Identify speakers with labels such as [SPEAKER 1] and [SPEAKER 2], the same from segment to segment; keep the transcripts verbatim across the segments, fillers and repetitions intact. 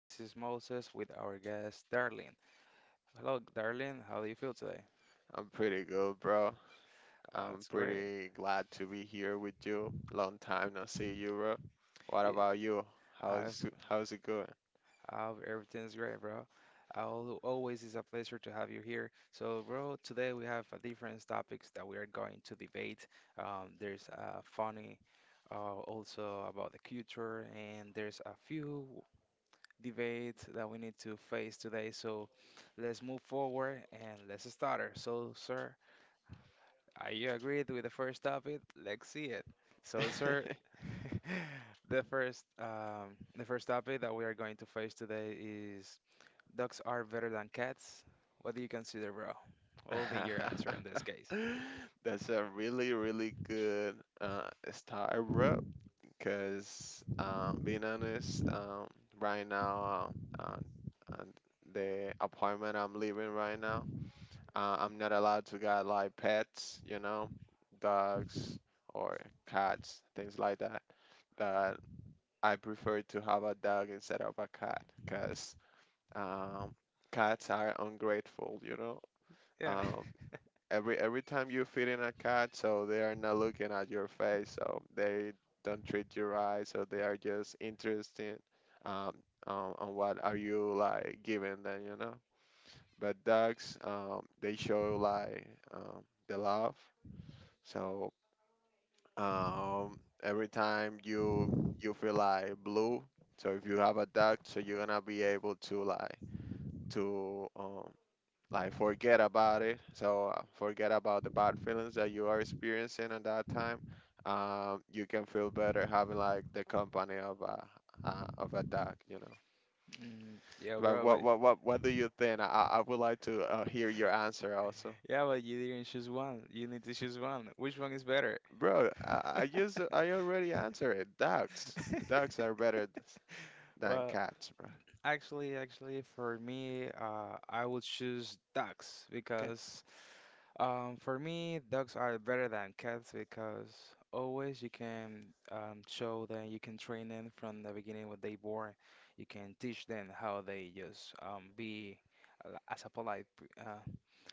[SPEAKER 1] This is Moses with our guest Darlene. Hello, Darlene. How do you feel today?
[SPEAKER 2] I'm pretty good, bro.
[SPEAKER 1] Uh,
[SPEAKER 2] I'm
[SPEAKER 1] it's great.
[SPEAKER 2] pretty glad to be here with you. Long time no see you, bro. What
[SPEAKER 1] It-
[SPEAKER 2] about you?
[SPEAKER 1] I've,
[SPEAKER 2] How's how's it going?
[SPEAKER 1] I've everything's great, bro. Al- Always is a pleasure to have you here. So, bro, today we have a different topics that we are going to debate. Um, there's uh, funny, uh, also about the culture, and there's a few debate that we need to face today. So let's move forward and let's start her. So, sir, are you agreed with the first topic? Let's see it. So, sir, the first um, the first topic that we are going to face today is dogs are better than cats. What do you consider, bro? What will be your answer in this case?
[SPEAKER 2] That's a really, really good uh, start, bro. Because, uh, being honest, um, right now, uh, uh, uh, the apartment I'm living right now, Uh, I'm not allowed to get like pets, you know, dogs or cats, things like that. That I prefer to have a dog instead of a cat, because um, cats are ungrateful, you know.
[SPEAKER 1] Yeah.
[SPEAKER 2] Um, every every time you feed in a cat, so they are not looking at your face, so they don't treat you right, so they are just interested um, on, on what are you like giving them, you know. But dogs, um, they show like um, the love. So um, every time you you feel like blue, so if you have a dog, so you're gonna be able to like to um, like forget about it. So uh, forget about the bad feelings that you are experiencing at that time. Um, you can feel better having like the company of a uh, of a dog, you know.
[SPEAKER 1] Mm, yeah,
[SPEAKER 2] But
[SPEAKER 1] bro, but
[SPEAKER 2] what what what what do you think? I I I would like to uh, hear your answer also.
[SPEAKER 1] yeah, but you didn't choose one. You need to choose one. Which one is better?
[SPEAKER 2] Bro, I, I used to- I already answered it. Dogs. Dogs are better th- than
[SPEAKER 1] Well,
[SPEAKER 2] cats, bro.
[SPEAKER 1] actually, actually, for me, uh, I would choose ducks
[SPEAKER 2] Cats.
[SPEAKER 1] because um, for me, ducks are better than cats because always you can um, show them. You can train them from the beginning when they born. You can teach them how they just um, be uh, as a polite p- uh,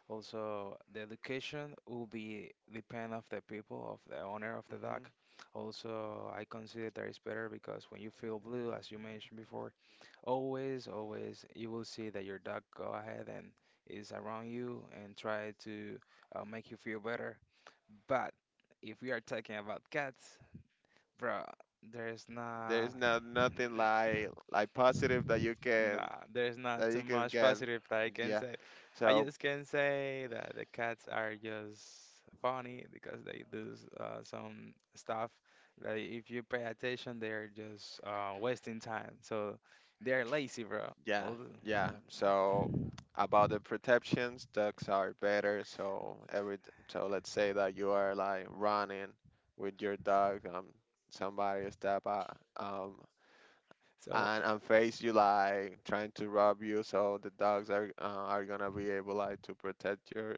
[SPEAKER 1] also, the education will be depend of the people, of the owner of the dog.
[SPEAKER 2] Hmm.
[SPEAKER 1] Also, I consider that is better because when you feel blue, as you mentioned before, always, always you will see that your dog go ahead and is around you and try to uh, make you feel better. But if we are talking about cats, bro, there's not.
[SPEAKER 2] There's not nothing like like positive that you can
[SPEAKER 1] Nah, there's not
[SPEAKER 2] that
[SPEAKER 1] too
[SPEAKER 2] you can
[SPEAKER 1] much
[SPEAKER 2] get.
[SPEAKER 1] positive that I can
[SPEAKER 2] Yeah.
[SPEAKER 1] say. I
[SPEAKER 2] So
[SPEAKER 1] just can say that the cats are just funny because they do s- uh, some stuff that if you pay attention, they are just uh, wasting time. So they're lazy, bro.
[SPEAKER 2] yeah,
[SPEAKER 1] All the-
[SPEAKER 2] yeah. So about the protections, ducks are better. So every t- so let's say that you are like running with your dog, um, somebody step out, um,
[SPEAKER 1] So
[SPEAKER 2] and and face you like trying to rob you. So the dogs are uh, are gonna be able like to protect your,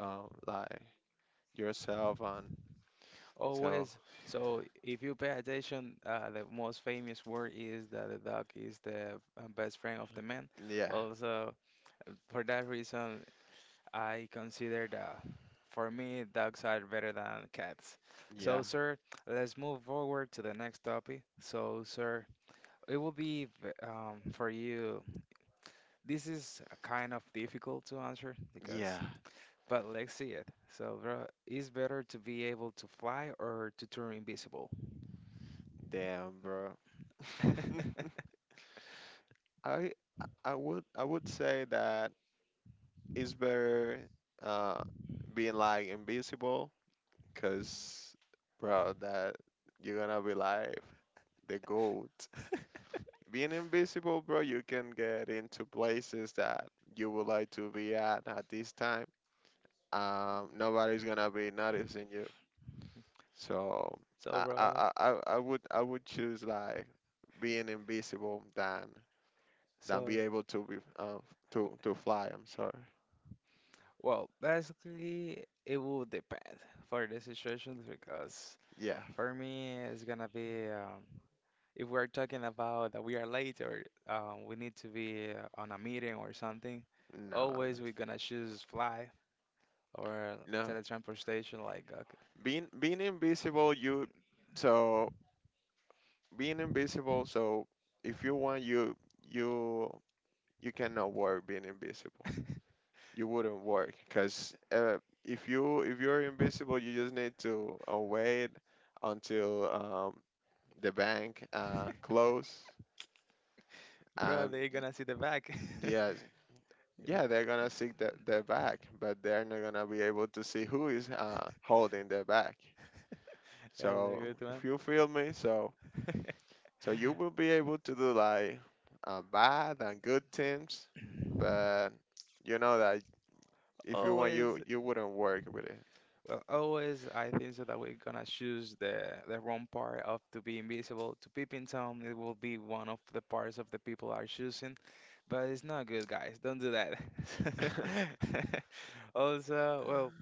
[SPEAKER 2] um, like yourself and so
[SPEAKER 1] always. So if you pay attention, uh, the most famous word is that the dog is the uh, best friend of the man.
[SPEAKER 2] yeah,
[SPEAKER 1] Also, uh, for that reason, I consider that for me, dogs are better than cats.
[SPEAKER 2] yeah,
[SPEAKER 1] So, sir, let's move forward to the next topic. So, sir, it will be v- um, for you. This is a kind of difficult to answer because,
[SPEAKER 2] yeah.
[SPEAKER 1] but let's see it. So, bro, is better to be able to fly or to turn invisible?
[SPEAKER 2] Damn, bro. I I would I would say that it's better uh being like invisible, because bro that you're gonna be like the goat. Being invisible, bro, you can get into places that you would like to be at at this time. Um nobody's gonna be noticing you. So
[SPEAKER 1] So,
[SPEAKER 2] I I,
[SPEAKER 1] bro,
[SPEAKER 2] I, I I would I would choose like being invisible than than
[SPEAKER 1] so,
[SPEAKER 2] be able to be uh, to to fly. I'm sorry.
[SPEAKER 1] well, basically, it will depend for the situations because
[SPEAKER 2] Yeah.
[SPEAKER 1] for me, it's gonna be um, if we're talking about that we are late or um, we need to be uh, on a meeting or something,
[SPEAKER 2] No,
[SPEAKER 1] always we're gonna choose fly or
[SPEAKER 2] no, no.
[SPEAKER 1] teletransportation, like, okay.
[SPEAKER 2] Being being invisible, you so being invisible. So if you want, you you you cannot work being invisible. You wouldn't work because uh, if you if you're invisible, you just need to uh, wait until um, the bank uh, close.
[SPEAKER 1] Bro,
[SPEAKER 2] Um,
[SPEAKER 1] they're
[SPEAKER 2] y-
[SPEAKER 1] gonna see the back.
[SPEAKER 2] yes,
[SPEAKER 1] Yeah.
[SPEAKER 2] yeah, they're gonna seek the, the bag, but they're not gonna be able to see who is uh, holding the bag.
[SPEAKER 1] That's a good
[SPEAKER 2] So if
[SPEAKER 1] one.
[SPEAKER 2] you feel me, so. So you will be able to do like uh, bad and good things, but you know that if you want, you
[SPEAKER 1] Always,
[SPEAKER 2] you wouldn't work with it.
[SPEAKER 1] well, always, I think so that we're gonna choose the the wrong part of to be invisible. To peep in town, it will be one of the parts of the people are choosing, but it's not good, guys. Don't do that. Also, well,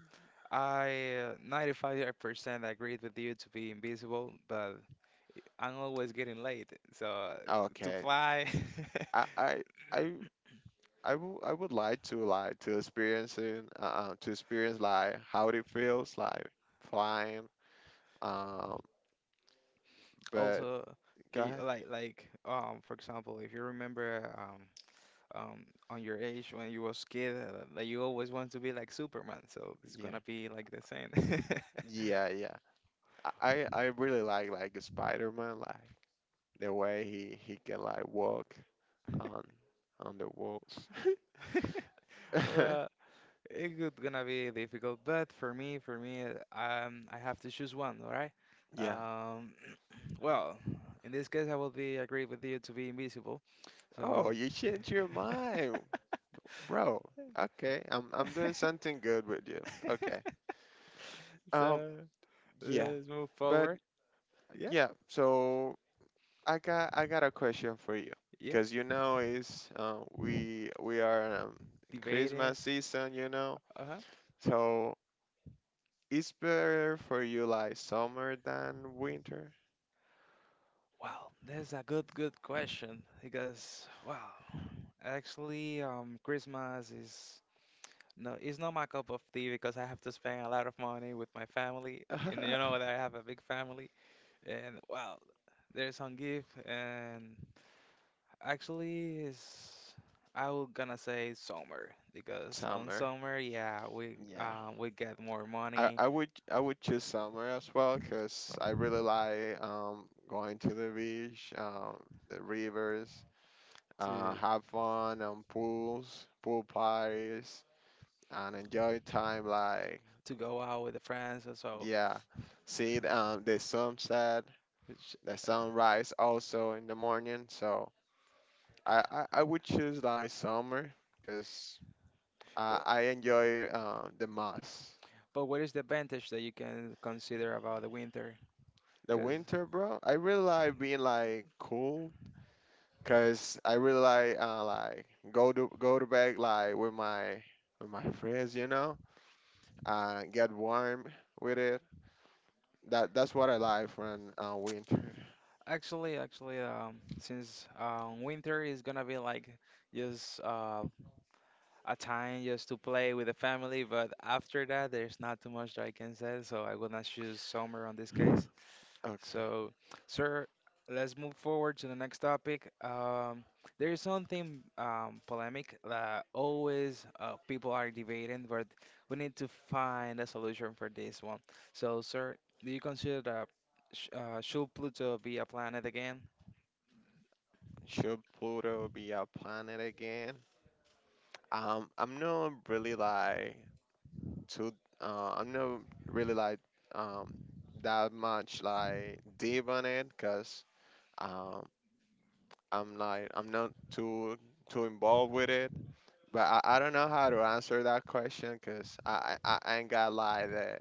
[SPEAKER 1] I uh, ninety-five percent agreed with you to be invisible, but I'm always getting late, so to
[SPEAKER 2] Okay,
[SPEAKER 1] fly.
[SPEAKER 2] I I I I wou- I would like to like to experience it, uh, uh, to experience like how it feels like flying. Um, but
[SPEAKER 1] Also, can
[SPEAKER 2] go
[SPEAKER 1] you
[SPEAKER 2] ahead.
[SPEAKER 1] like like um for example, if you remember um. Um, on your age when you was kid uh, that you always want to be like Superman. So it's
[SPEAKER 2] Yeah,
[SPEAKER 1] gonna be like the same.
[SPEAKER 2] yeah, yeah. I I I really like like Spider-Man, like the way he he can like walk on on the walls.
[SPEAKER 1] Well, it's gonna be difficult, but for me, for me, uh, um, I have to choose one, all right?
[SPEAKER 2] Yeah.
[SPEAKER 1] Um, well, in this case, I will be agree with you to be invisible.
[SPEAKER 2] Oh,
[SPEAKER 1] So,
[SPEAKER 2] you changed your mind, bro. Okay, I'm I'm doing something good with you. Okay. Um,
[SPEAKER 1] so
[SPEAKER 2] yeah,
[SPEAKER 1] let's move
[SPEAKER 2] but
[SPEAKER 1] forward. Yeah,
[SPEAKER 2] yeah. So I got I got a question for you,
[SPEAKER 1] yeah.
[SPEAKER 2] cause you know is uh, we we are um,
[SPEAKER 1] Debating.
[SPEAKER 2] Christmas season, you know.
[SPEAKER 1] Uh-huh.
[SPEAKER 2] So it's better for you like summer than winter.
[SPEAKER 1] Wow, that's a good, good question because wow, actually, um, Christmas is no, it's not my cup of tea because I have to spend a lot of money with my family, and you know that I have a big family, and wow, there's some gift, and actually, is I was gonna say summer because on
[SPEAKER 2] Summer.
[SPEAKER 1] summer, yeah, we
[SPEAKER 2] Yeah.
[SPEAKER 1] um we get more
[SPEAKER 2] I,
[SPEAKER 1] money
[SPEAKER 2] I would I would choose summer as well because I really like um going to the beach, um the rivers, uh
[SPEAKER 1] to
[SPEAKER 2] have fun on pools, pool parties, and enjoy time like
[SPEAKER 1] to go out with the friends, so, so,
[SPEAKER 2] yeah, see the, um the sunset, the sunrise also in the morning. So I I, I would choose like summer because I
[SPEAKER 1] but.
[SPEAKER 2] I enjoy uh, the most.
[SPEAKER 1] But what is the advantage that you can consider about the winter?
[SPEAKER 2] The
[SPEAKER 1] Because
[SPEAKER 2] winter, bro, I really like being like cool. Cause I really like uh like go to go to bed like with my with my friends, you know, and get warm with it. That that's what I like from uh, winter.
[SPEAKER 1] actually, actually, um, since um, winter is gonna be like just uh, a time just to play with the family, but after that, there's not too much that I can say, so I will not choose summer on this case.
[SPEAKER 2] Okay,
[SPEAKER 1] So, sir, let's move forward to the next topic. Um, there is something um, polemic that always uh, people are debating, but we need to find a solution for this one. So, sir, do you consider that sh uh, should Pluto be a planet again?
[SPEAKER 2] should Pluto be a planet again? Um, I'm not really like too. Uh, I'm not really like um that much like deep on it, cause um I'm like I'm not too too involved with it. But I, I don't know how to answer that question because I, I, I ain't got like the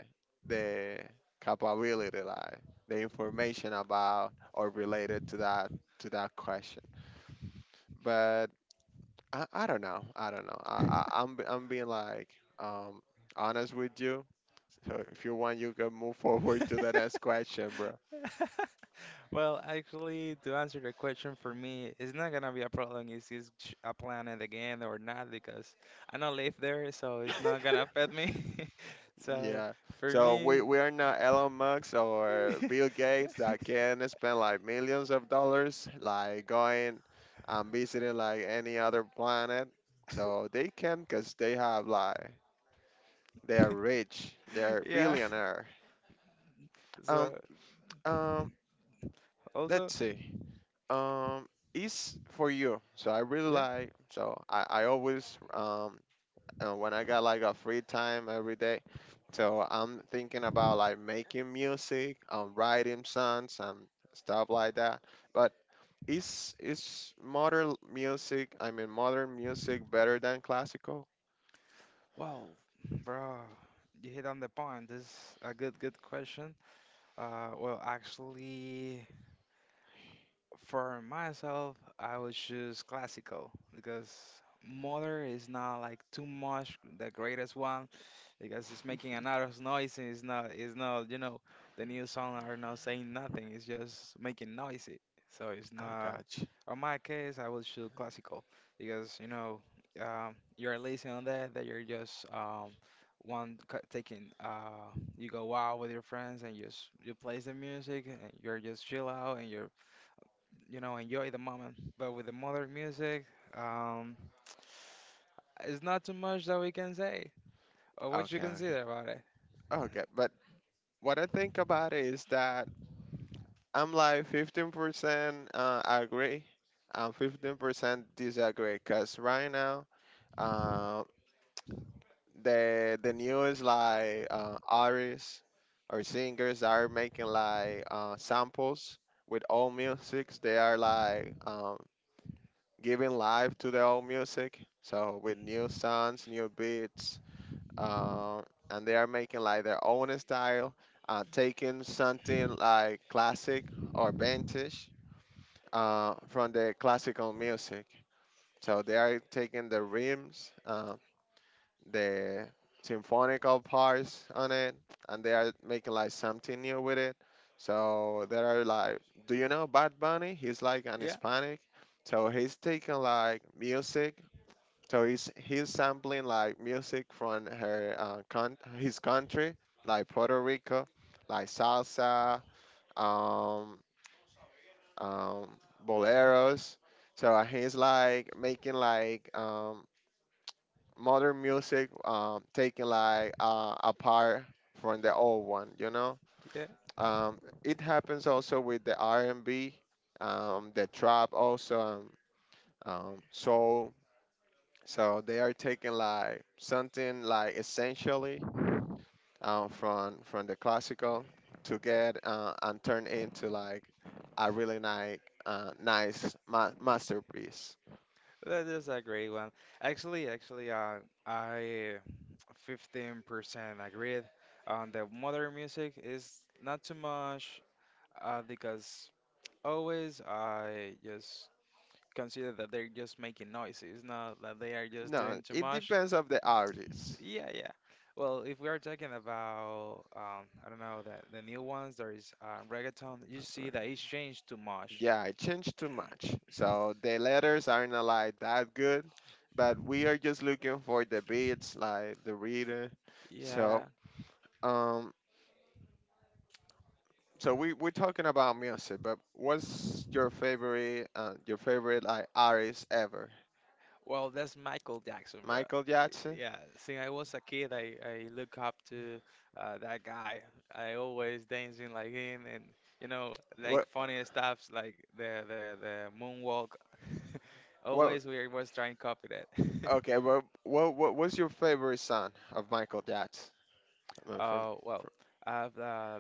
[SPEAKER 2] the capability like the information about or related to that to that question. But I, I don't know. I don't know. I, I I'm be- I'm being like um honest with you. So if you want, you can move forward to the next question, bro.
[SPEAKER 1] Well, actually, to answer the question for me, it's not gonna be a problem if it's ch- a planet again or not because I don't live there, so it's not gonna affect me. So
[SPEAKER 2] Yeah.
[SPEAKER 1] for
[SPEAKER 2] So we
[SPEAKER 1] me,
[SPEAKER 2] we are not Elon Musk or Bill Gates that can spend like millions of dollars like going and visiting like any other planet. So they can because they have like they are rich. They're
[SPEAKER 1] yeah.
[SPEAKER 2] billionaire. Um
[SPEAKER 1] So
[SPEAKER 2] um
[SPEAKER 1] also,
[SPEAKER 2] let's see. Um is for you. So I really
[SPEAKER 1] yeah.
[SPEAKER 2] like so I, I always um and when I got like a free time every day. So I'm thinking about like making music, um, writing songs and stuff like that. But is is modern music, I mean modern music better than classical?
[SPEAKER 1] Well, bro, you hit on the point. This is a good, good question. Uh, well, actually, for myself, I would choose classical because modern is not like too much the greatest one, because it's making a lot of noise and it's not it's not, you know, the new song are not saying nothing. It's just making noisy, so it's
[SPEAKER 2] I
[SPEAKER 1] not
[SPEAKER 2] got you.
[SPEAKER 1] on my case. I will choose classical because you know, um, you're listening on that that you're just um, one cu- taking uh, you go out with your friends and you just you play the music and you're just chill out and you're, you know, enjoy the moment. But with the modern music, um, it's not too much that we can say or what you
[SPEAKER 2] Okay, okay.
[SPEAKER 1] consider about it.
[SPEAKER 2] Okay, but what I think about it is that I'm like fifteen percent uh, agree and fifteen percent disagree because right now, uh. the the newest like uh, artists or singers are making like uh, samples with old music. They are like um, giving life to the old music. So with new sounds, new beats, uh, and they are making like their own style, uh, taking something like classic or vintage uh, from the classical music. So they are taking the rhythms, uh, the symphonical parts on it, and they are making like something new with it. So there are like, do you know Bad Bunny? He's like an
[SPEAKER 1] Yeah,
[SPEAKER 2] Hispanic, so he's taking like music. So he's he's sampling like music from her uh, con- his country, like Puerto Rico, like salsa, um, um, boleros. So he's like making like um, modern music um, taken like uh, apart from the old one, you know.
[SPEAKER 1] yeah,
[SPEAKER 2] um, it happens also with the R and B, um, the trap also, um, um, soul, so they are taking like something like essentially um, from from the classical to get uh, and turn into like a really nice uh, nice ma- masterpiece.
[SPEAKER 1] that is a great one. Actually, actually, uh, I fifteen percent agreed on the modern music is not too much, uh, because always I just consider that they're just making noise. It's not that they are just
[SPEAKER 2] No,
[SPEAKER 1] doing too
[SPEAKER 2] it
[SPEAKER 1] much.
[SPEAKER 2] depends of the artist.
[SPEAKER 1] Yeah, yeah. Well, if we are talking about, um, I don't know, the, the new ones, there is uh, reggaeton, you see that it's changed too much.
[SPEAKER 2] Yeah, it changed too much. So the letters aren't uh, like that good, but we are just looking for the beats, like the reader. So
[SPEAKER 1] Yeah.
[SPEAKER 2] um, so we we're talking about music, but what's your favorite uh, your favorite like artist ever?
[SPEAKER 1] Well, that's Michael Jackson, bro.
[SPEAKER 2] Michael Jackson.
[SPEAKER 1] Yeah, since I was a kid, I, I look up to uh, that guy. I always dancing like him, and you know, like
[SPEAKER 2] What
[SPEAKER 1] funny stuffs like the the the moonwalk.
[SPEAKER 2] what?
[SPEAKER 1] Always we was trying to copy that.
[SPEAKER 2] Okay, well, what what what's your favorite song of Michael Jackson? I mean, from,
[SPEAKER 1] Uh, well,
[SPEAKER 2] from
[SPEAKER 1] I've uh,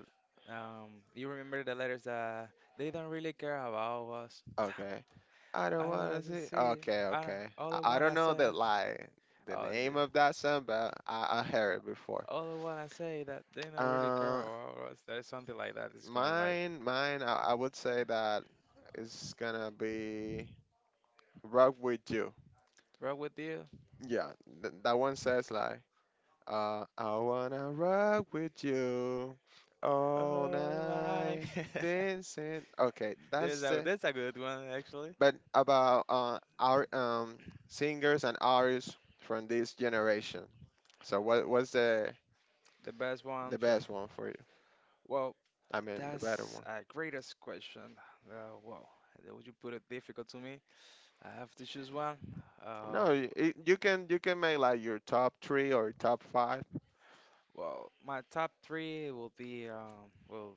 [SPEAKER 1] um, you remember the letters that they don't really care about us.
[SPEAKER 2] okay, I don't
[SPEAKER 1] I don't wanna
[SPEAKER 2] wanna see.
[SPEAKER 1] say.
[SPEAKER 2] Okay,
[SPEAKER 1] I don't.
[SPEAKER 2] okay.
[SPEAKER 1] All I
[SPEAKER 2] I, I don't
[SPEAKER 1] wanna
[SPEAKER 2] know
[SPEAKER 1] say.
[SPEAKER 2] the like the
[SPEAKER 1] Oh,
[SPEAKER 2] name of that song, but I, I heard it before.
[SPEAKER 1] other one I say that they not really
[SPEAKER 2] Uh,
[SPEAKER 1] girl or or there's something like that is going like
[SPEAKER 2] mine, mine. I, I would say that is gonna be "Rock with You."
[SPEAKER 1] wrong with you.
[SPEAKER 2] Yeah, th- that one says like, uh, "I wanna rock with you all
[SPEAKER 1] Oh, like
[SPEAKER 2] night dancing." Okay,
[SPEAKER 1] there's
[SPEAKER 2] that's
[SPEAKER 1] a
[SPEAKER 2] the
[SPEAKER 1] that's a good one actually.
[SPEAKER 2] but about uh, our um, singers and artists from this generation. So what what's the
[SPEAKER 1] The best
[SPEAKER 2] the
[SPEAKER 1] one from,
[SPEAKER 2] best one for you?
[SPEAKER 1] well,
[SPEAKER 2] I mean the better
[SPEAKER 1] that's
[SPEAKER 2] one.
[SPEAKER 1] a greatest question. Uh, wow, that would you put it difficult to me? I have to choose one. Uh,
[SPEAKER 2] No, y- it, you can you can make like your top three or top five.
[SPEAKER 1] well, my top three will be um well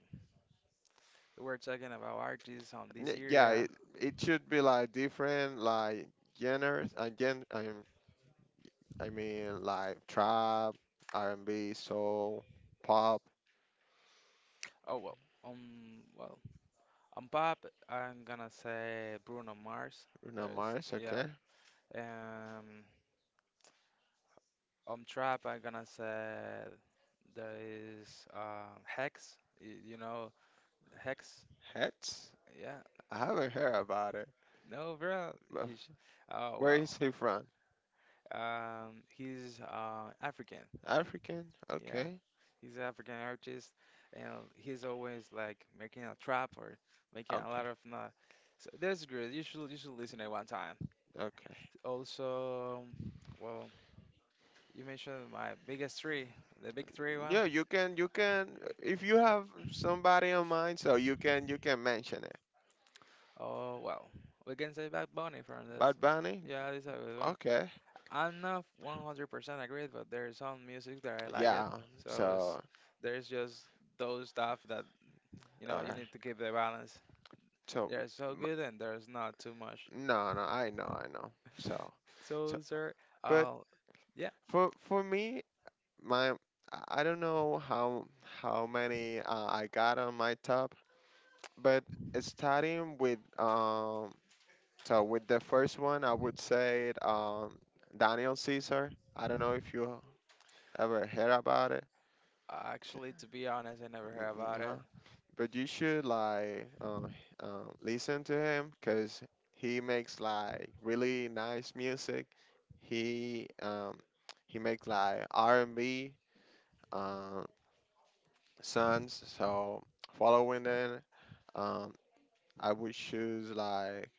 [SPEAKER 1] we are talking about artists on this
[SPEAKER 2] N- Yeah,
[SPEAKER 1] area.
[SPEAKER 2] it, it should be like different like genres again, i um, I mean like trap, R and B, soul, pop,
[SPEAKER 1] Oh well, um, well, on pop, I'm gonna say Bruno Mars.
[SPEAKER 2] Bruno
[SPEAKER 1] There is,
[SPEAKER 2] Mars.
[SPEAKER 1] yeah.
[SPEAKER 2] Okay,
[SPEAKER 1] Um, on trap, I'm gonna say there is uh, Hex. y- You know, Hex.
[SPEAKER 2] Hats.
[SPEAKER 1] Yeah.
[SPEAKER 2] I haven't heard about it.
[SPEAKER 1] No, bro.
[SPEAKER 2] But
[SPEAKER 1] You sh oh
[SPEAKER 2] where
[SPEAKER 1] well.
[SPEAKER 2] is he from?
[SPEAKER 1] Um, he's uh, African.
[SPEAKER 2] African?
[SPEAKER 1] Yeah,
[SPEAKER 2] Okay.
[SPEAKER 1] he's an African artist, and he's always like making a trap or making a
[SPEAKER 2] Okay.
[SPEAKER 1] lot of not. So that's good. You should you should listen at one time.
[SPEAKER 2] Okay.
[SPEAKER 1] Also, well, you mentioned my biggest three, the big three one.
[SPEAKER 2] Yeah, you can you can if you have somebody in mind, so you can you can mention it.
[SPEAKER 1] Oh, well, we can say Bad Bunny from this.
[SPEAKER 2] Bad Bunny?
[SPEAKER 1] Yeah, this is a good one.
[SPEAKER 2] Okay.
[SPEAKER 1] I'm not one hundred percent agreed, but there's some music that I like it.
[SPEAKER 2] Yeah.
[SPEAKER 1] So it's,
[SPEAKER 2] So,
[SPEAKER 1] there's just those stuff that, you know,
[SPEAKER 2] all
[SPEAKER 1] you
[SPEAKER 2] right.
[SPEAKER 1] need to keep the balance.
[SPEAKER 2] So, m-
[SPEAKER 1] They're so good and there's not too much.
[SPEAKER 2] no, no, I know, I know. So, so,
[SPEAKER 1] So, sir,
[SPEAKER 2] but
[SPEAKER 1] uh, yeah,
[SPEAKER 2] for for me, my I I don't know how how many uh, I got on my top, but starting with um so with the first one, I would say it, um, Daniel Caesar. I don't know if you ever heard about it.
[SPEAKER 1] actually, to be honest, I never heard
[SPEAKER 2] N-
[SPEAKER 1] about it.
[SPEAKER 2] No, but you should like uh, uh, listen to him because he makes like really nice music. He um, he makes like R and B um, songs. So following that, um, I would choose like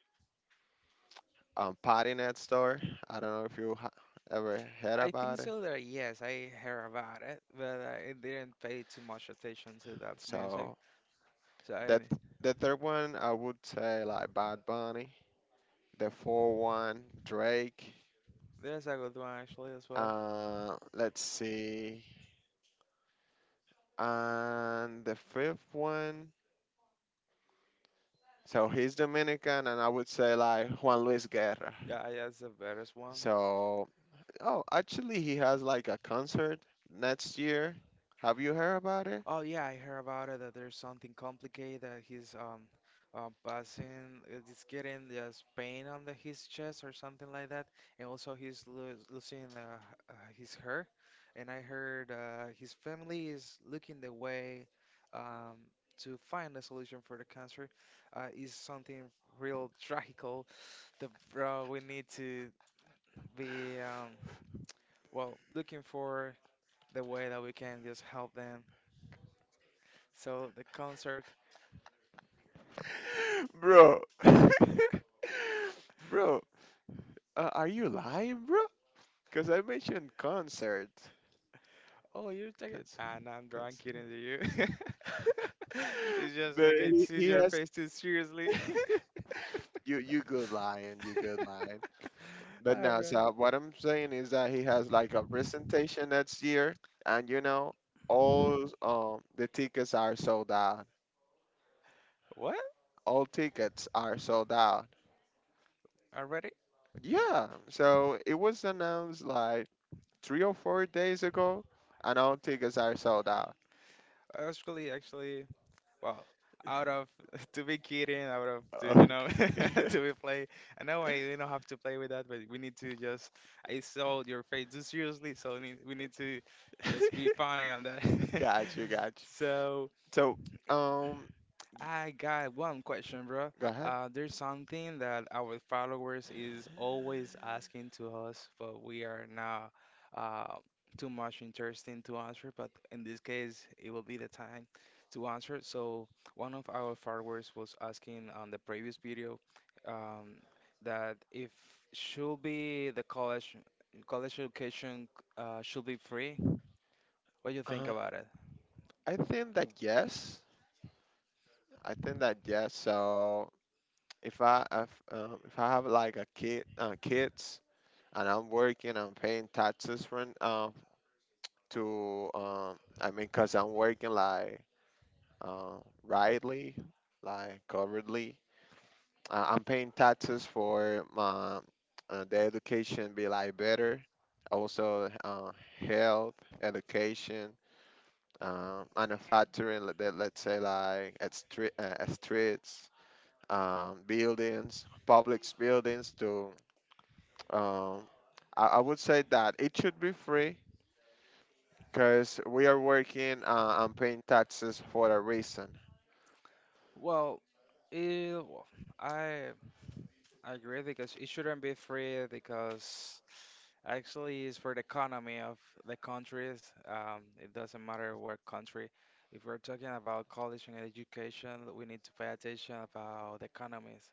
[SPEAKER 2] um, Party Next Store. I don't know if you ha- ever heard
[SPEAKER 1] I think
[SPEAKER 2] about it.
[SPEAKER 1] so that yes, I heard about it, but I didn't pay too much attention to that music.
[SPEAKER 2] So
[SPEAKER 1] So
[SPEAKER 2] The
[SPEAKER 1] I,
[SPEAKER 2] th- the third one I would say like Bad Bunny. The fourth one, Drake.
[SPEAKER 1] there's a good one actually as well.
[SPEAKER 2] Uh, let's see. And the fifth one. So he's Dominican, and I would say like Juan Luis Guerra.
[SPEAKER 1] Yeah, that's the best one.
[SPEAKER 2] So oh, actually he has like a concert next year. Have you heard about it,
[SPEAKER 1] Oh yeah, I heard about it that there's something complicated that he's um um passing uh, he's getting this pain on the his chest or something like that, and also he's lo losing uh, uh, his hair. And I heard uh, his family is looking the way um to find a solution for the cancer. Uh, is something real tragical that bro we need to be um well looking for the way that we can just help them. So the concert.
[SPEAKER 2] bro? Bro, uh, are you lying, bro? Because I mentioned concert.
[SPEAKER 1] Oh, you're taking. Ah,
[SPEAKER 2] Concert.
[SPEAKER 1] no, I'm drunk,
[SPEAKER 2] Concert.
[SPEAKER 1] kidding to you. It's just
[SPEAKER 2] But
[SPEAKER 1] like I
[SPEAKER 2] he,
[SPEAKER 1] see
[SPEAKER 2] he
[SPEAKER 1] your
[SPEAKER 2] has
[SPEAKER 1] face too seriously.
[SPEAKER 2] you you good lion, you good lion. But
[SPEAKER 1] All
[SPEAKER 2] no,
[SPEAKER 1] right.
[SPEAKER 2] so what I'm saying is that he has like a presentation next year, and you know all um the tickets are sold out.
[SPEAKER 1] What?
[SPEAKER 2] All tickets are sold out.
[SPEAKER 1] Already?
[SPEAKER 2] Yeah, so it was announced like three or four days ago, and all tickets are sold out.
[SPEAKER 1] Actually, actually, well, out of to be kidding, out of to you know
[SPEAKER 2] Okay,
[SPEAKER 1] to be play. I know I did not have to play with that, but we need to just. I saw your face too seriously, so we need, we need to just be funny on that.
[SPEAKER 2] got you, got you.
[SPEAKER 1] So
[SPEAKER 2] So um,
[SPEAKER 1] I got one question, bro.
[SPEAKER 2] go ahead.
[SPEAKER 1] Uh, there's something that our followers is always asking to us, but we are not uh, too much interesting to answer. But in this case, it will be the time to answer. So one of our followers was asking on the previous video, um, that if should be the college college education uh, should be free. What do you think
[SPEAKER 2] Uh,
[SPEAKER 1] about it?
[SPEAKER 2] I think that yes, I think that yes. So if I if, um, if I have like a kid uh, kids and I'm working I'm paying taxes for an- um to um I mean cause I'm working like uh, rightly like covertly uh, I'm paying taxes for my uh, the education be like better also uh, health education, um, manufacturing, let, let- let's say like at street uh, at streets, um, buildings, public buildings to. Um, I, I would say that it should be free because we are working uh, and paying taxes for a reason.
[SPEAKER 1] Well, it, I I agree because it shouldn't be free because actually it's for the economy of the countries. Um, it doesn't matter what country. If we're talking about college and education, we need to pay attention about the economies.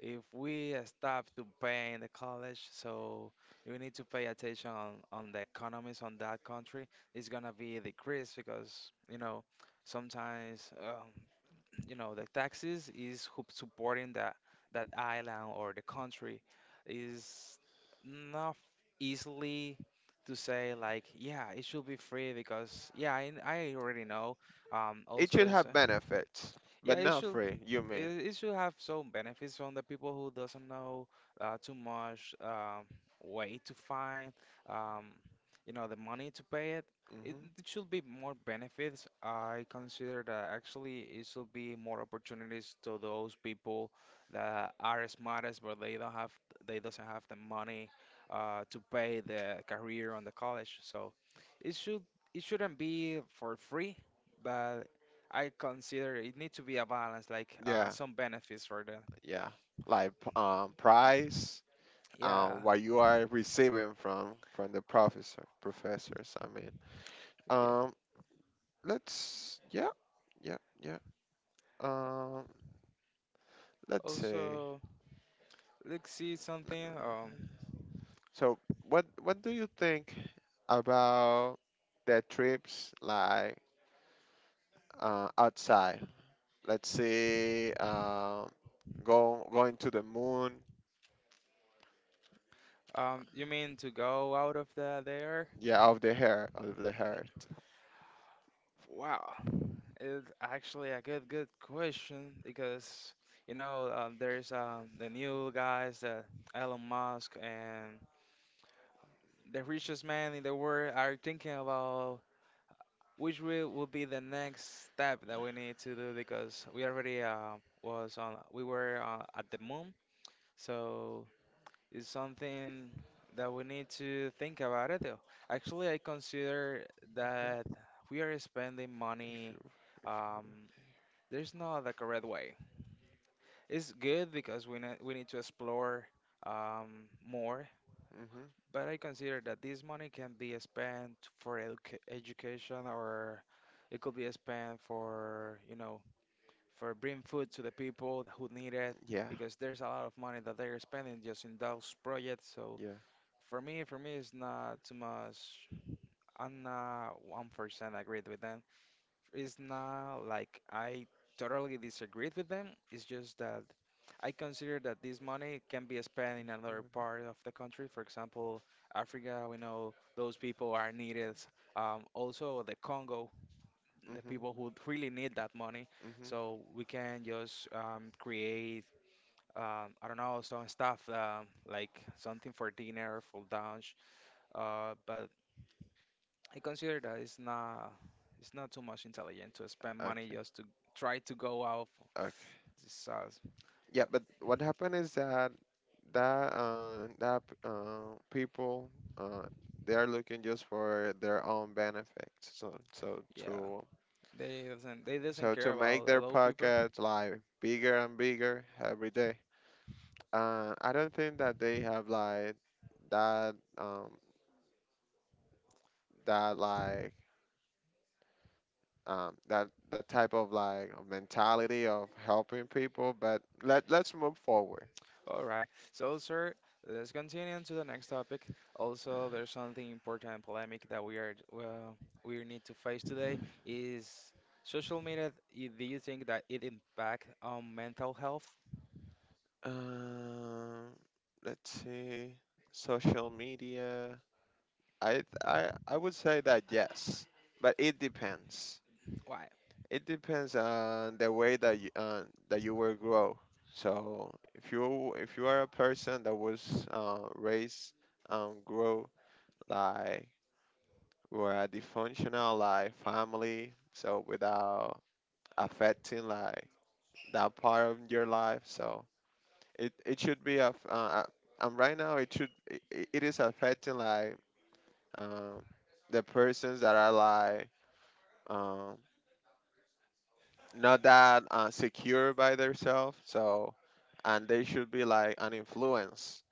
[SPEAKER 1] If we uh, stop to pay in the college, so we need to pay attention on, on the economies on that country. It's gonna be a decrease because you know sometimes um, you know the taxes is who supporting that that island or the country is not easily to say like yeah it should be free because yeah I, I already know um
[SPEAKER 2] It
[SPEAKER 1] also
[SPEAKER 2] should
[SPEAKER 1] is
[SPEAKER 2] have
[SPEAKER 1] uh,
[SPEAKER 2] benefits,
[SPEAKER 1] yeah
[SPEAKER 2] but
[SPEAKER 1] it
[SPEAKER 2] not
[SPEAKER 1] should
[SPEAKER 2] free. You mean?
[SPEAKER 1] it, it should have some benefits on the people who doesn't know uh, too much um, way to find, um, you know, the money to pay it it,
[SPEAKER 2] Hmm.
[SPEAKER 1] it should be more benefits. I consider that actually it should be more opportunities to those people that are smartest, but they don't have they doesn't have the money uh, to pay the career on the college. So it should it shouldn't be for free, but I consider it need to be a balance, like uh,
[SPEAKER 2] Yeah,
[SPEAKER 1] some benefits for them.
[SPEAKER 2] yeah. Like p- um, price,
[SPEAKER 1] Yeah,
[SPEAKER 2] um, what you are receiving from from the professor, professors. I mean,
[SPEAKER 1] yeah.
[SPEAKER 2] um, let's. Yeah, yeah, yeah. Um, let's see.
[SPEAKER 1] Also, let's see something. Um,
[SPEAKER 2] So, what what do you think about their trips like uh, outside. Let's say um, go going to the moon.
[SPEAKER 1] um, you mean to go out of the there?
[SPEAKER 2] Yeah, of the hair, of the heart.
[SPEAKER 1] Wow. It's actually a good good question because you know uh, there's um, the new guys that Elon Musk and the richest man in the world are thinking about which will will be the next step that we need to do because we already uh, was on we were uh, at the moon. So it's something that we need to think about it though. Actually, I consider
[SPEAKER 2] Yeah.
[SPEAKER 1] that we are spending
[SPEAKER 2] If
[SPEAKER 1] money.
[SPEAKER 2] you, if you.
[SPEAKER 1] Um, there's not like a red way. It's good because we ne we need to explore um, more,
[SPEAKER 2] Mhm.
[SPEAKER 1] but I consider that this money can be spent for educa education, or it could be spent for, you know, for bring food to the people who need it
[SPEAKER 2] Yeah.
[SPEAKER 1] because there's a lot of money that they're spending just in those projects. So
[SPEAKER 2] Yeah.
[SPEAKER 1] for me, for me, it's not too much. I'm not one percent agreed with them. It's not like I totally disagreed with them. It's just that I consider that this money can be spent in another part of the country. For example, Africa, we know those people are needed. Um, also, the Congo, the
[SPEAKER 2] Mhm.
[SPEAKER 1] people who really need that money.
[SPEAKER 2] Mhm.
[SPEAKER 1] So we can just um, create um, I don't know, some stuff um, like something for dinner, for lunch. Uh, but I consider that it's not it's not too much intelligent to spend money
[SPEAKER 2] Okay.
[SPEAKER 1] just to try to go out for
[SPEAKER 2] Okay.
[SPEAKER 1] this uh,
[SPEAKER 2] Yeah,
[SPEAKER 1] well
[SPEAKER 2] but what happened is that that uh, that uh, people uh, they are looking just for their own benefits. So so
[SPEAKER 1] yeah
[SPEAKER 2] to
[SPEAKER 1] they doesn't they doesn't
[SPEAKER 2] So to
[SPEAKER 1] care
[SPEAKER 2] make
[SPEAKER 1] about the
[SPEAKER 2] their
[SPEAKER 1] low people.
[SPEAKER 2] pockets like bigger and bigger every day. Uh, I don't think that they have like that um that like um that that type of like mentality of helping people. But let let's move forward.
[SPEAKER 1] All right, so sir, let's continue to the next topic. Also, there's something important and polemic that we are well we need to face today, is social media. I- do you think that it impact on mental health?
[SPEAKER 2] Um, let's see. Social media. I I I would say that yes, but it depends.
[SPEAKER 1] Why?
[SPEAKER 2] It depends on the way that you, uh, that you were grow. So if you if you are a person that was uh, raised and grow like were a dysfunctional like family, so without affecting like that part of your life, so it, it should be a f- uh, uh, and right now it should, it, it it is affecting like, um, the persons that are like, um, not that uh, secure by themselves. So, and they should be like an influence.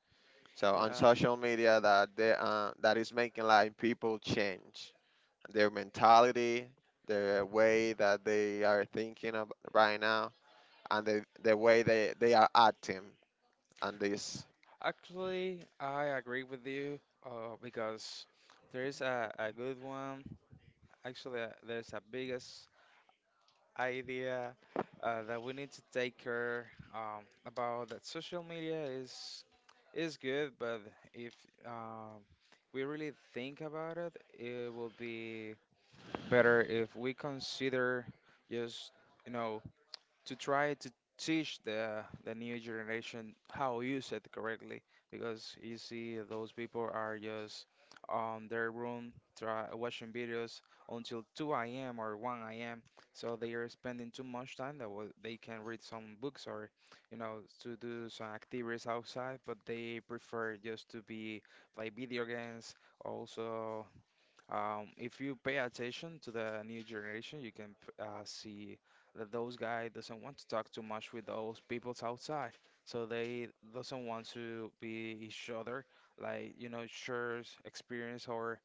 [SPEAKER 2] So on social media, that they uh, that is making like people change their mentality, their way that they are thinking of right now, and the the way they they are acting. And this,
[SPEAKER 1] Actually, I agree with you uh, because there is a, a good one. Actually, uh, there's a biggest idea uh, that we need to take care um, about that social media is is good, but if um, we really think about it, it will be better if we consider just, you know, to try to teach the the new generation how use it correctly because you see those people are just on their room try watching videos until two a m or one a m So they are spending too much time that wa- they can read some books or you know to do some activities outside, but they prefer just to be play video games. Also, um, if you pay attention to the new generation, you can p- uh, see that those guy doesn't want to talk too much with those peoples outside. So they doesn't want to be each other, like you know, share experience or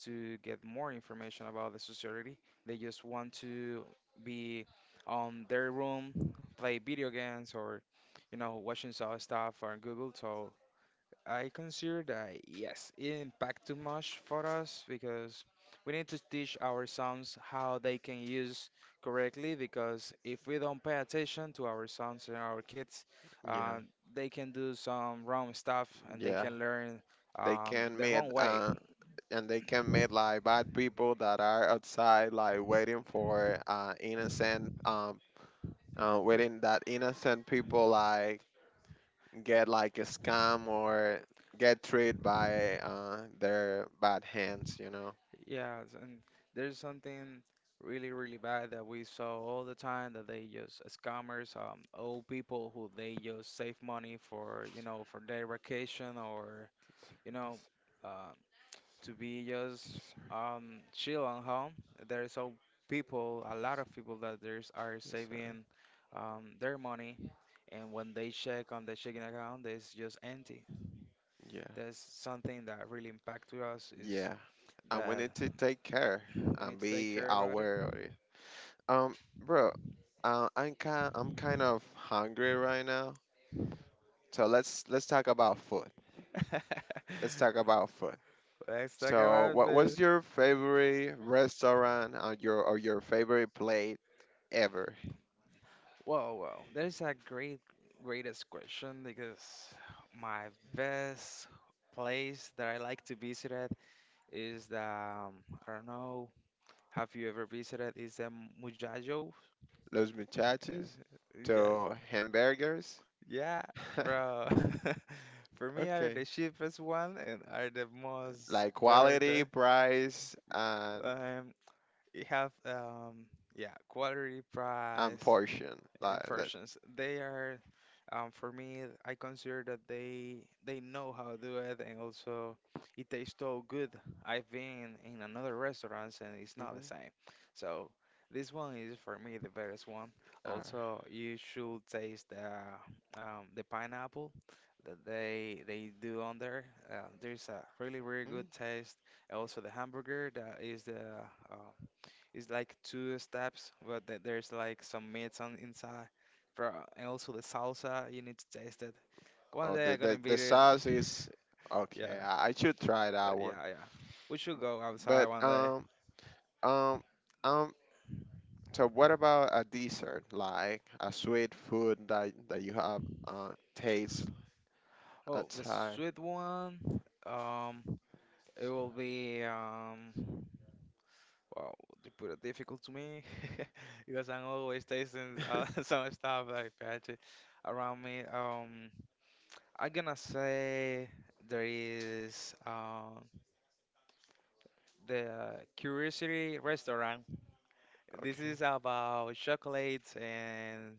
[SPEAKER 1] to get more information about the society. They just want to be on their room, play video games, or you know, watching some stuff on Google. So I consider that yes, it impact too much for us because we need to teach our sons how they can use correctly because if we don't pay attention to our sons and our kids,
[SPEAKER 2] yeah,
[SPEAKER 1] uh, they can do some wrong stuff, and they
[SPEAKER 2] yeah,
[SPEAKER 1] can learn
[SPEAKER 2] they
[SPEAKER 1] um,
[SPEAKER 2] can
[SPEAKER 1] the
[SPEAKER 2] meet
[SPEAKER 1] wrong way.
[SPEAKER 2] uh, and they can meet like bad people that are outside like waiting for uh, innocent um, uh, within that innocent people like get like a scam or get treated by uh, their bad hands, you know.
[SPEAKER 1] Yeah, s- and there's something really, really bad that we saw all the time, that they use scammers, um, old people who they just save money for, you know, for their vacation or you know,
[SPEAKER 2] This,
[SPEAKER 1] uh, to be just
[SPEAKER 2] these are,
[SPEAKER 1] um, chill at home. There is so people, a lot of people that there's are
[SPEAKER 2] these are,
[SPEAKER 1] saving um, their money, and when they check on the checking account, it's just empty.
[SPEAKER 2] yeah,
[SPEAKER 1] That's something that really impact to us, is
[SPEAKER 2] yeah. And we
[SPEAKER 1] that
[SPEAKER 2] need to take care
[SPEAKER 1] we need
[SPEAKER 2] and
[SPEAKER 1] to take
[SPEAKER 2] be
[SPEAKER 1] care about it.
[SPEAKER 2] aware of it. Um, bro, uh, I'm kind, I'm kind of hungry right now. So let's let's talk about food. Let's talk about food.
[SPEAKER 1] Let's talk
[SPEAKER 2] So,
[SPEAKER 1] about
[SPEAKER 2] what
[SPEAKER 1] it.
[SPEAKER 2] what's your favorite restaurant or your or your favorite plate ever?
[SPEAKER 1] Whoa, whoa, there's a great, greatest question because my best place that I like to visit at is the um, I don't know. Have you ever visited? Is the Mujajo?
[SPEAKER 2] Los muchachos
[SPEAKER 1] Uh, Mujajo.
[SPEAKER 2] to hamburgers.
[SPEAKER 1] Yeah, Yeah, bro. For me, are
[SPEAKER 2] Okay.
[SPEAKER 1] the cheapest one and are the most
[SPEAKER 2] Like
[SPEAKER 1] better.
[SPEAKER 2] quality,
[SPEAKER 1] The
[SPEAKER 2] price, and
[SPEAKER 1] um, it have um, yeah, quality
[SPEAKER 2] and
[SPEAKER 1] price.
[SPEAKER 2] portion. Like that.
[SPEAKER 1] Inversions. They are, um, for me, I consider that they they know how to do it, and also it tastes so good. I've been in another restaurants and it's not the
[SPEAKER 2] Hmm.
[SPEAKER 1] same. So this one is for me the best one. Also, you should taste the um, the pineapple that they they do on there. Uh, there's a really really good taste. Also, the hamburger that is the uh, it's like two steps, but the- there's like some meats on inside. Bro, and also the salsa, you need to taste it. One
[SPEAKER 2] Oh,
[SPEAKER 1] day
[SPEAKER 2] the,
[SPEAKER 1] I'm gonna
[SPEAKER 2] the the
[SPEAKER 1] beat it.
[SPEAKER 2] sauce is
[SPEAKER 1] Yeah,
[SPEAKER 2] okay. I, I should try that
[SPEAKER 1] but
[SPEAKER 2] one.
[SPEAKER 1] yeah, yeah. We should go outside
[SPEAKER 2] But
[SPEAKER 1] one day.
[SPEAKER 2] um um um. So what about a dessert? Like a sweet food that that you have uh taste
[SPEAKER 1] Oh, the
[SPEAKER 2] outside.
[SPEAKER 1] sweet one. Um, it will be um. Wow, you put it difficult to me because I'm always tasting uh, some stuff like patchy around me. Um, I'm gonna say there is. Uh, the Curiosity Restaurant. This
[SPEAKER 2] Okay.
[SPEAKER 1] is about chocolates and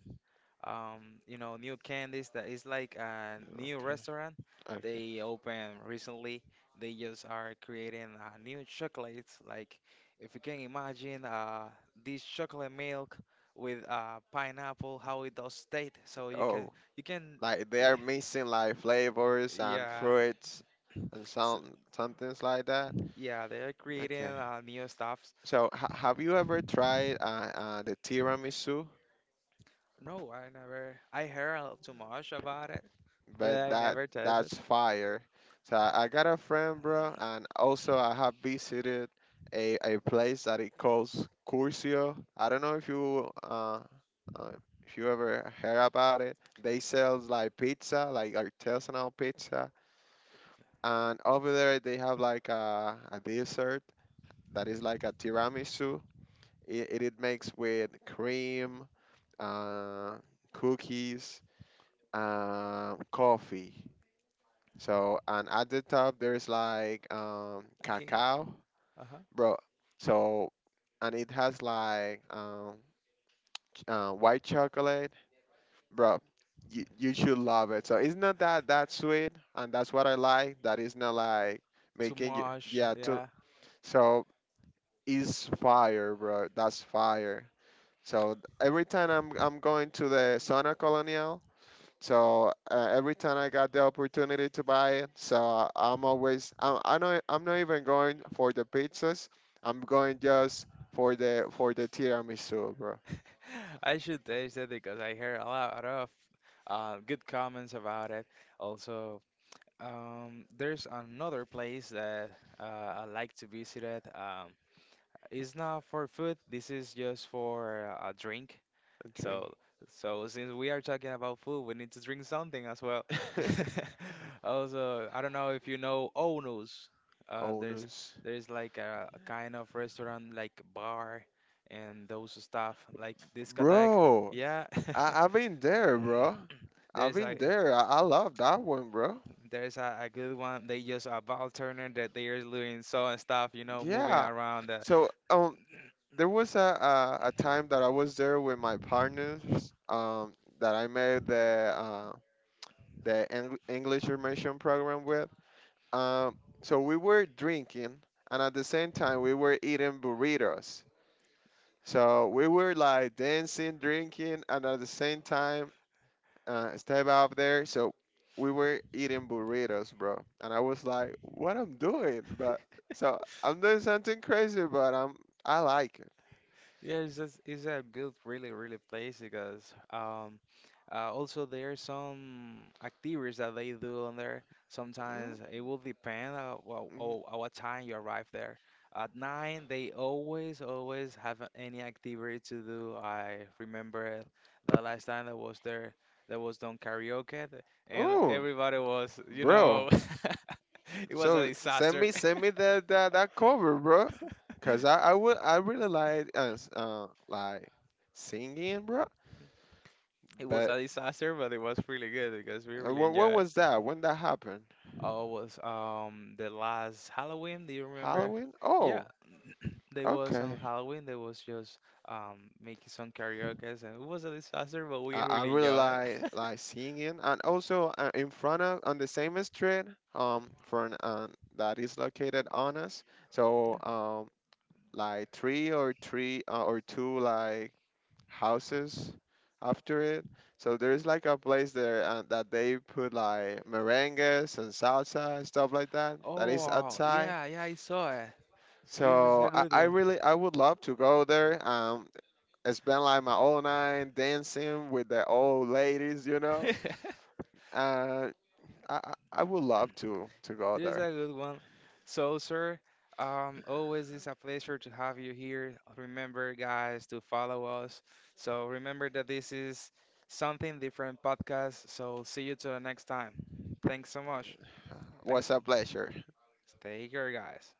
[SPEAKER 1] um, you know new candies that is like a new
[SPEAKER 2] Okay.
[SPEAKER 1] restaurant.
[SPEAKER 2] Okay.
[SPEAKER 1] They opened recently. They just are creating uh, new chocolates. Like if you can imagine uh, this chocolate milk with uh, pineapple, how it does taste. So you can
[SPEAKER 2] Oh,
[SPEAKER 1] you can
[SPEAKER 2] like they
[SPEAKER 1] eh,
[SPEAKER 2] are mixing like flavors and
[SPEAKER 1] yeah.
[SPEAKER 2] fruits and
[SPEAKER 1] So,
[SPEAKER 2] some some things like that.
[SPEAKER 1] yeah, they are creating
[SPEAKER 2] Okay.
[SPEAKER 1] uh, new stuff.
[SPEAKER 2] So ha have you ever tried uh, uh, the tiramisu?
[SPEAKER 1] No, I never. I heard a- too much about it,
[SPEAKER 2] But
[SPEAKER 1] but I
[SPEAKER 2] that
[SPEAKER 1] never tasted.
[SPEAKER 2] that's fire. So I, I got a friend, bro, and also I have visited a, a place that it calls Curcio. I don't know if you uh, uh if you ever heard about it. They sells like pizza, like artisanal pizza, and over there they have like a, a dessert that is like a tiramisu. It, it, it makes with cream, uh, cookies, um, coffee. So and at the top there's like um,
[SPEAKER 1] I can.
[SPEAKER 2] cacao,
[SPEAKER 1] Uh-huh.
[SPEAKER 2] bro. So and it has like um, ch- uh, white chocolate, bro. You, you should love it. So it's not that that sweet, and that's what I like. That is not like
[SPEAKER 1] Too
[SPEAKER 2] making you
[SPEAKER 1] much.
[SPEAKER 2] yeah too.
[SPEAKER 1] Yeah,
[SPEAKER 2] So is fire, bro. That's fire. So th- every time I'm I'm going to the Zona Colonial. So uh, every time I got the opportunity to buy it, so I'm always I'm I know I'm not even going for the pizzas. I'm going just for the for the tiramisu, bro.
[SPEAKER 1] I should taste it because I hear a lot of uh, good comments about it. Also, um, there's another place that uh, I like to visit. It. Um, it's not for food. This is just for a drink.
[SPEAKER 2] Okay.
[SPEAKER 1] So, so since we are talking about food, we need to drink something as well. Also, I don't know if you know Ono's. Uh, there's
[SPEAKER 2] Onus.
[SPEAKER 1] there's like a, a kind of restaurant, like bar, and those stuff, like discotheque.
[SPEAKER 2] Bro,
[SPEAKER 1] Yeah,
[SPEAKER 2] I, I've been there, bro. I've
[SPEAKER 1] there's a
[SPEAKER 2] been there. I, I love that one, bro.
[SPEAKER 1] there's a, a good one. They use a ball turner that they are doing so and stuff, you know, moving
[SPEAKER 2] Yeah.
[SPEAKER 1] around. Uh,
[SPEAKER 2] So um there was a, a a time that I was there with my partners, um, that I made the uh, the Eng- English immersion program with. Um, so we were drinking, and at the same time we were eating burritos. So we were like dancing, drinking, and at the same time uh, step out there. So we were eating burritos, bro. And I was like, "What I'm doing?" But so I'm doing something crazy, but I'm I like it.
[SPEAKER 1] yeah, it's just, it's a good, really, really place because um, uh, also there are some activities that they do on there. Sometimes it will depend uh, well, oh, at what time you arrive there. At nine, they always, always have a- any activity to do. I remember the last time I was there, there was done karaoke, th- and
[SPEAKER 2] Mm-hmm,
[SPEAKER 1] everybody was, you
[SPEAKER 2] bro.
[SPEAKER 1] know, it was a
[SPEAKER 2] So send
[SPEAKER 1] disaster.
[SPEAKER 2] me send me that that, that cover, bro. Cause I I would I really like uh, s- uh like singing, bro.
[SPEAKER 1] It was
[SPEAKER 2] But
[SPEAKER 1] a disaster, but it was really good because we
[SPEAKER 2] uh,
[SPEAKER 1] really
[SPEAKER 2] wh- when
[SPEAKER 1] enjoyed it.
[SPEAKER 2] was that? When that happened?
[SPEAKER 1] Oh, was um the last Halloween? Do you remember?
[SPEAKER 2] Halloween?
[SPEAKER 1] Yeah,
[SPEAKER 2] Oh,
[SPEAKER 1] they was on
[SPEAKER 2] okay.
[SPEAKER 1] Halloween. They was just um making some karaoke, and it was a disaster, but we
[SPEAKER 2] I, I
[SPEAKER 1] really
[SPEAKER 2] really
[SPEAKER 1] enjoyed
[SPEAKER 2] like
[SPEAKER 1] it.
[SPEAKER 2] like singing, and also uh, in front of on the same street, um, for an uh, that is located on us.
[SPEAKER 1] Yeah.
[SPEAKER 2] So um, like three or three uh, or two like houses after it. So there's like a place there uh, that they put like merengues and salsa and stuff like that that is
[SPEAKER 1] Oh,
[SPEAKER 2] outside.
[SPEAKER 1] yeah, yeah, I saw it. This is a
[SPEAKER 2] So I,
[SPEAKER 1] good
[SPEAKER 2] I
[SPEAKER 1] one.
[SPEAKER 2] really I would love to go there. Um, and spend like my whole night dancing with the old ladies, you know. Uh, I I I would love to to go
[SPEAKER 1] This is
[SPEAKER 2] there.
[SPEAKER 1] a good one. So, sir, um, always is a pleasure to have you here. Remember, guys, to follow us. So, remember that this is something different podcast. So, see you till the next time. Thanks so much.
[SPEAKER 2] Was
[SPEAKER 1] Thanks.
[SPEAKER 2] a pleasure.
[SPEAKER 1] Take care, guys.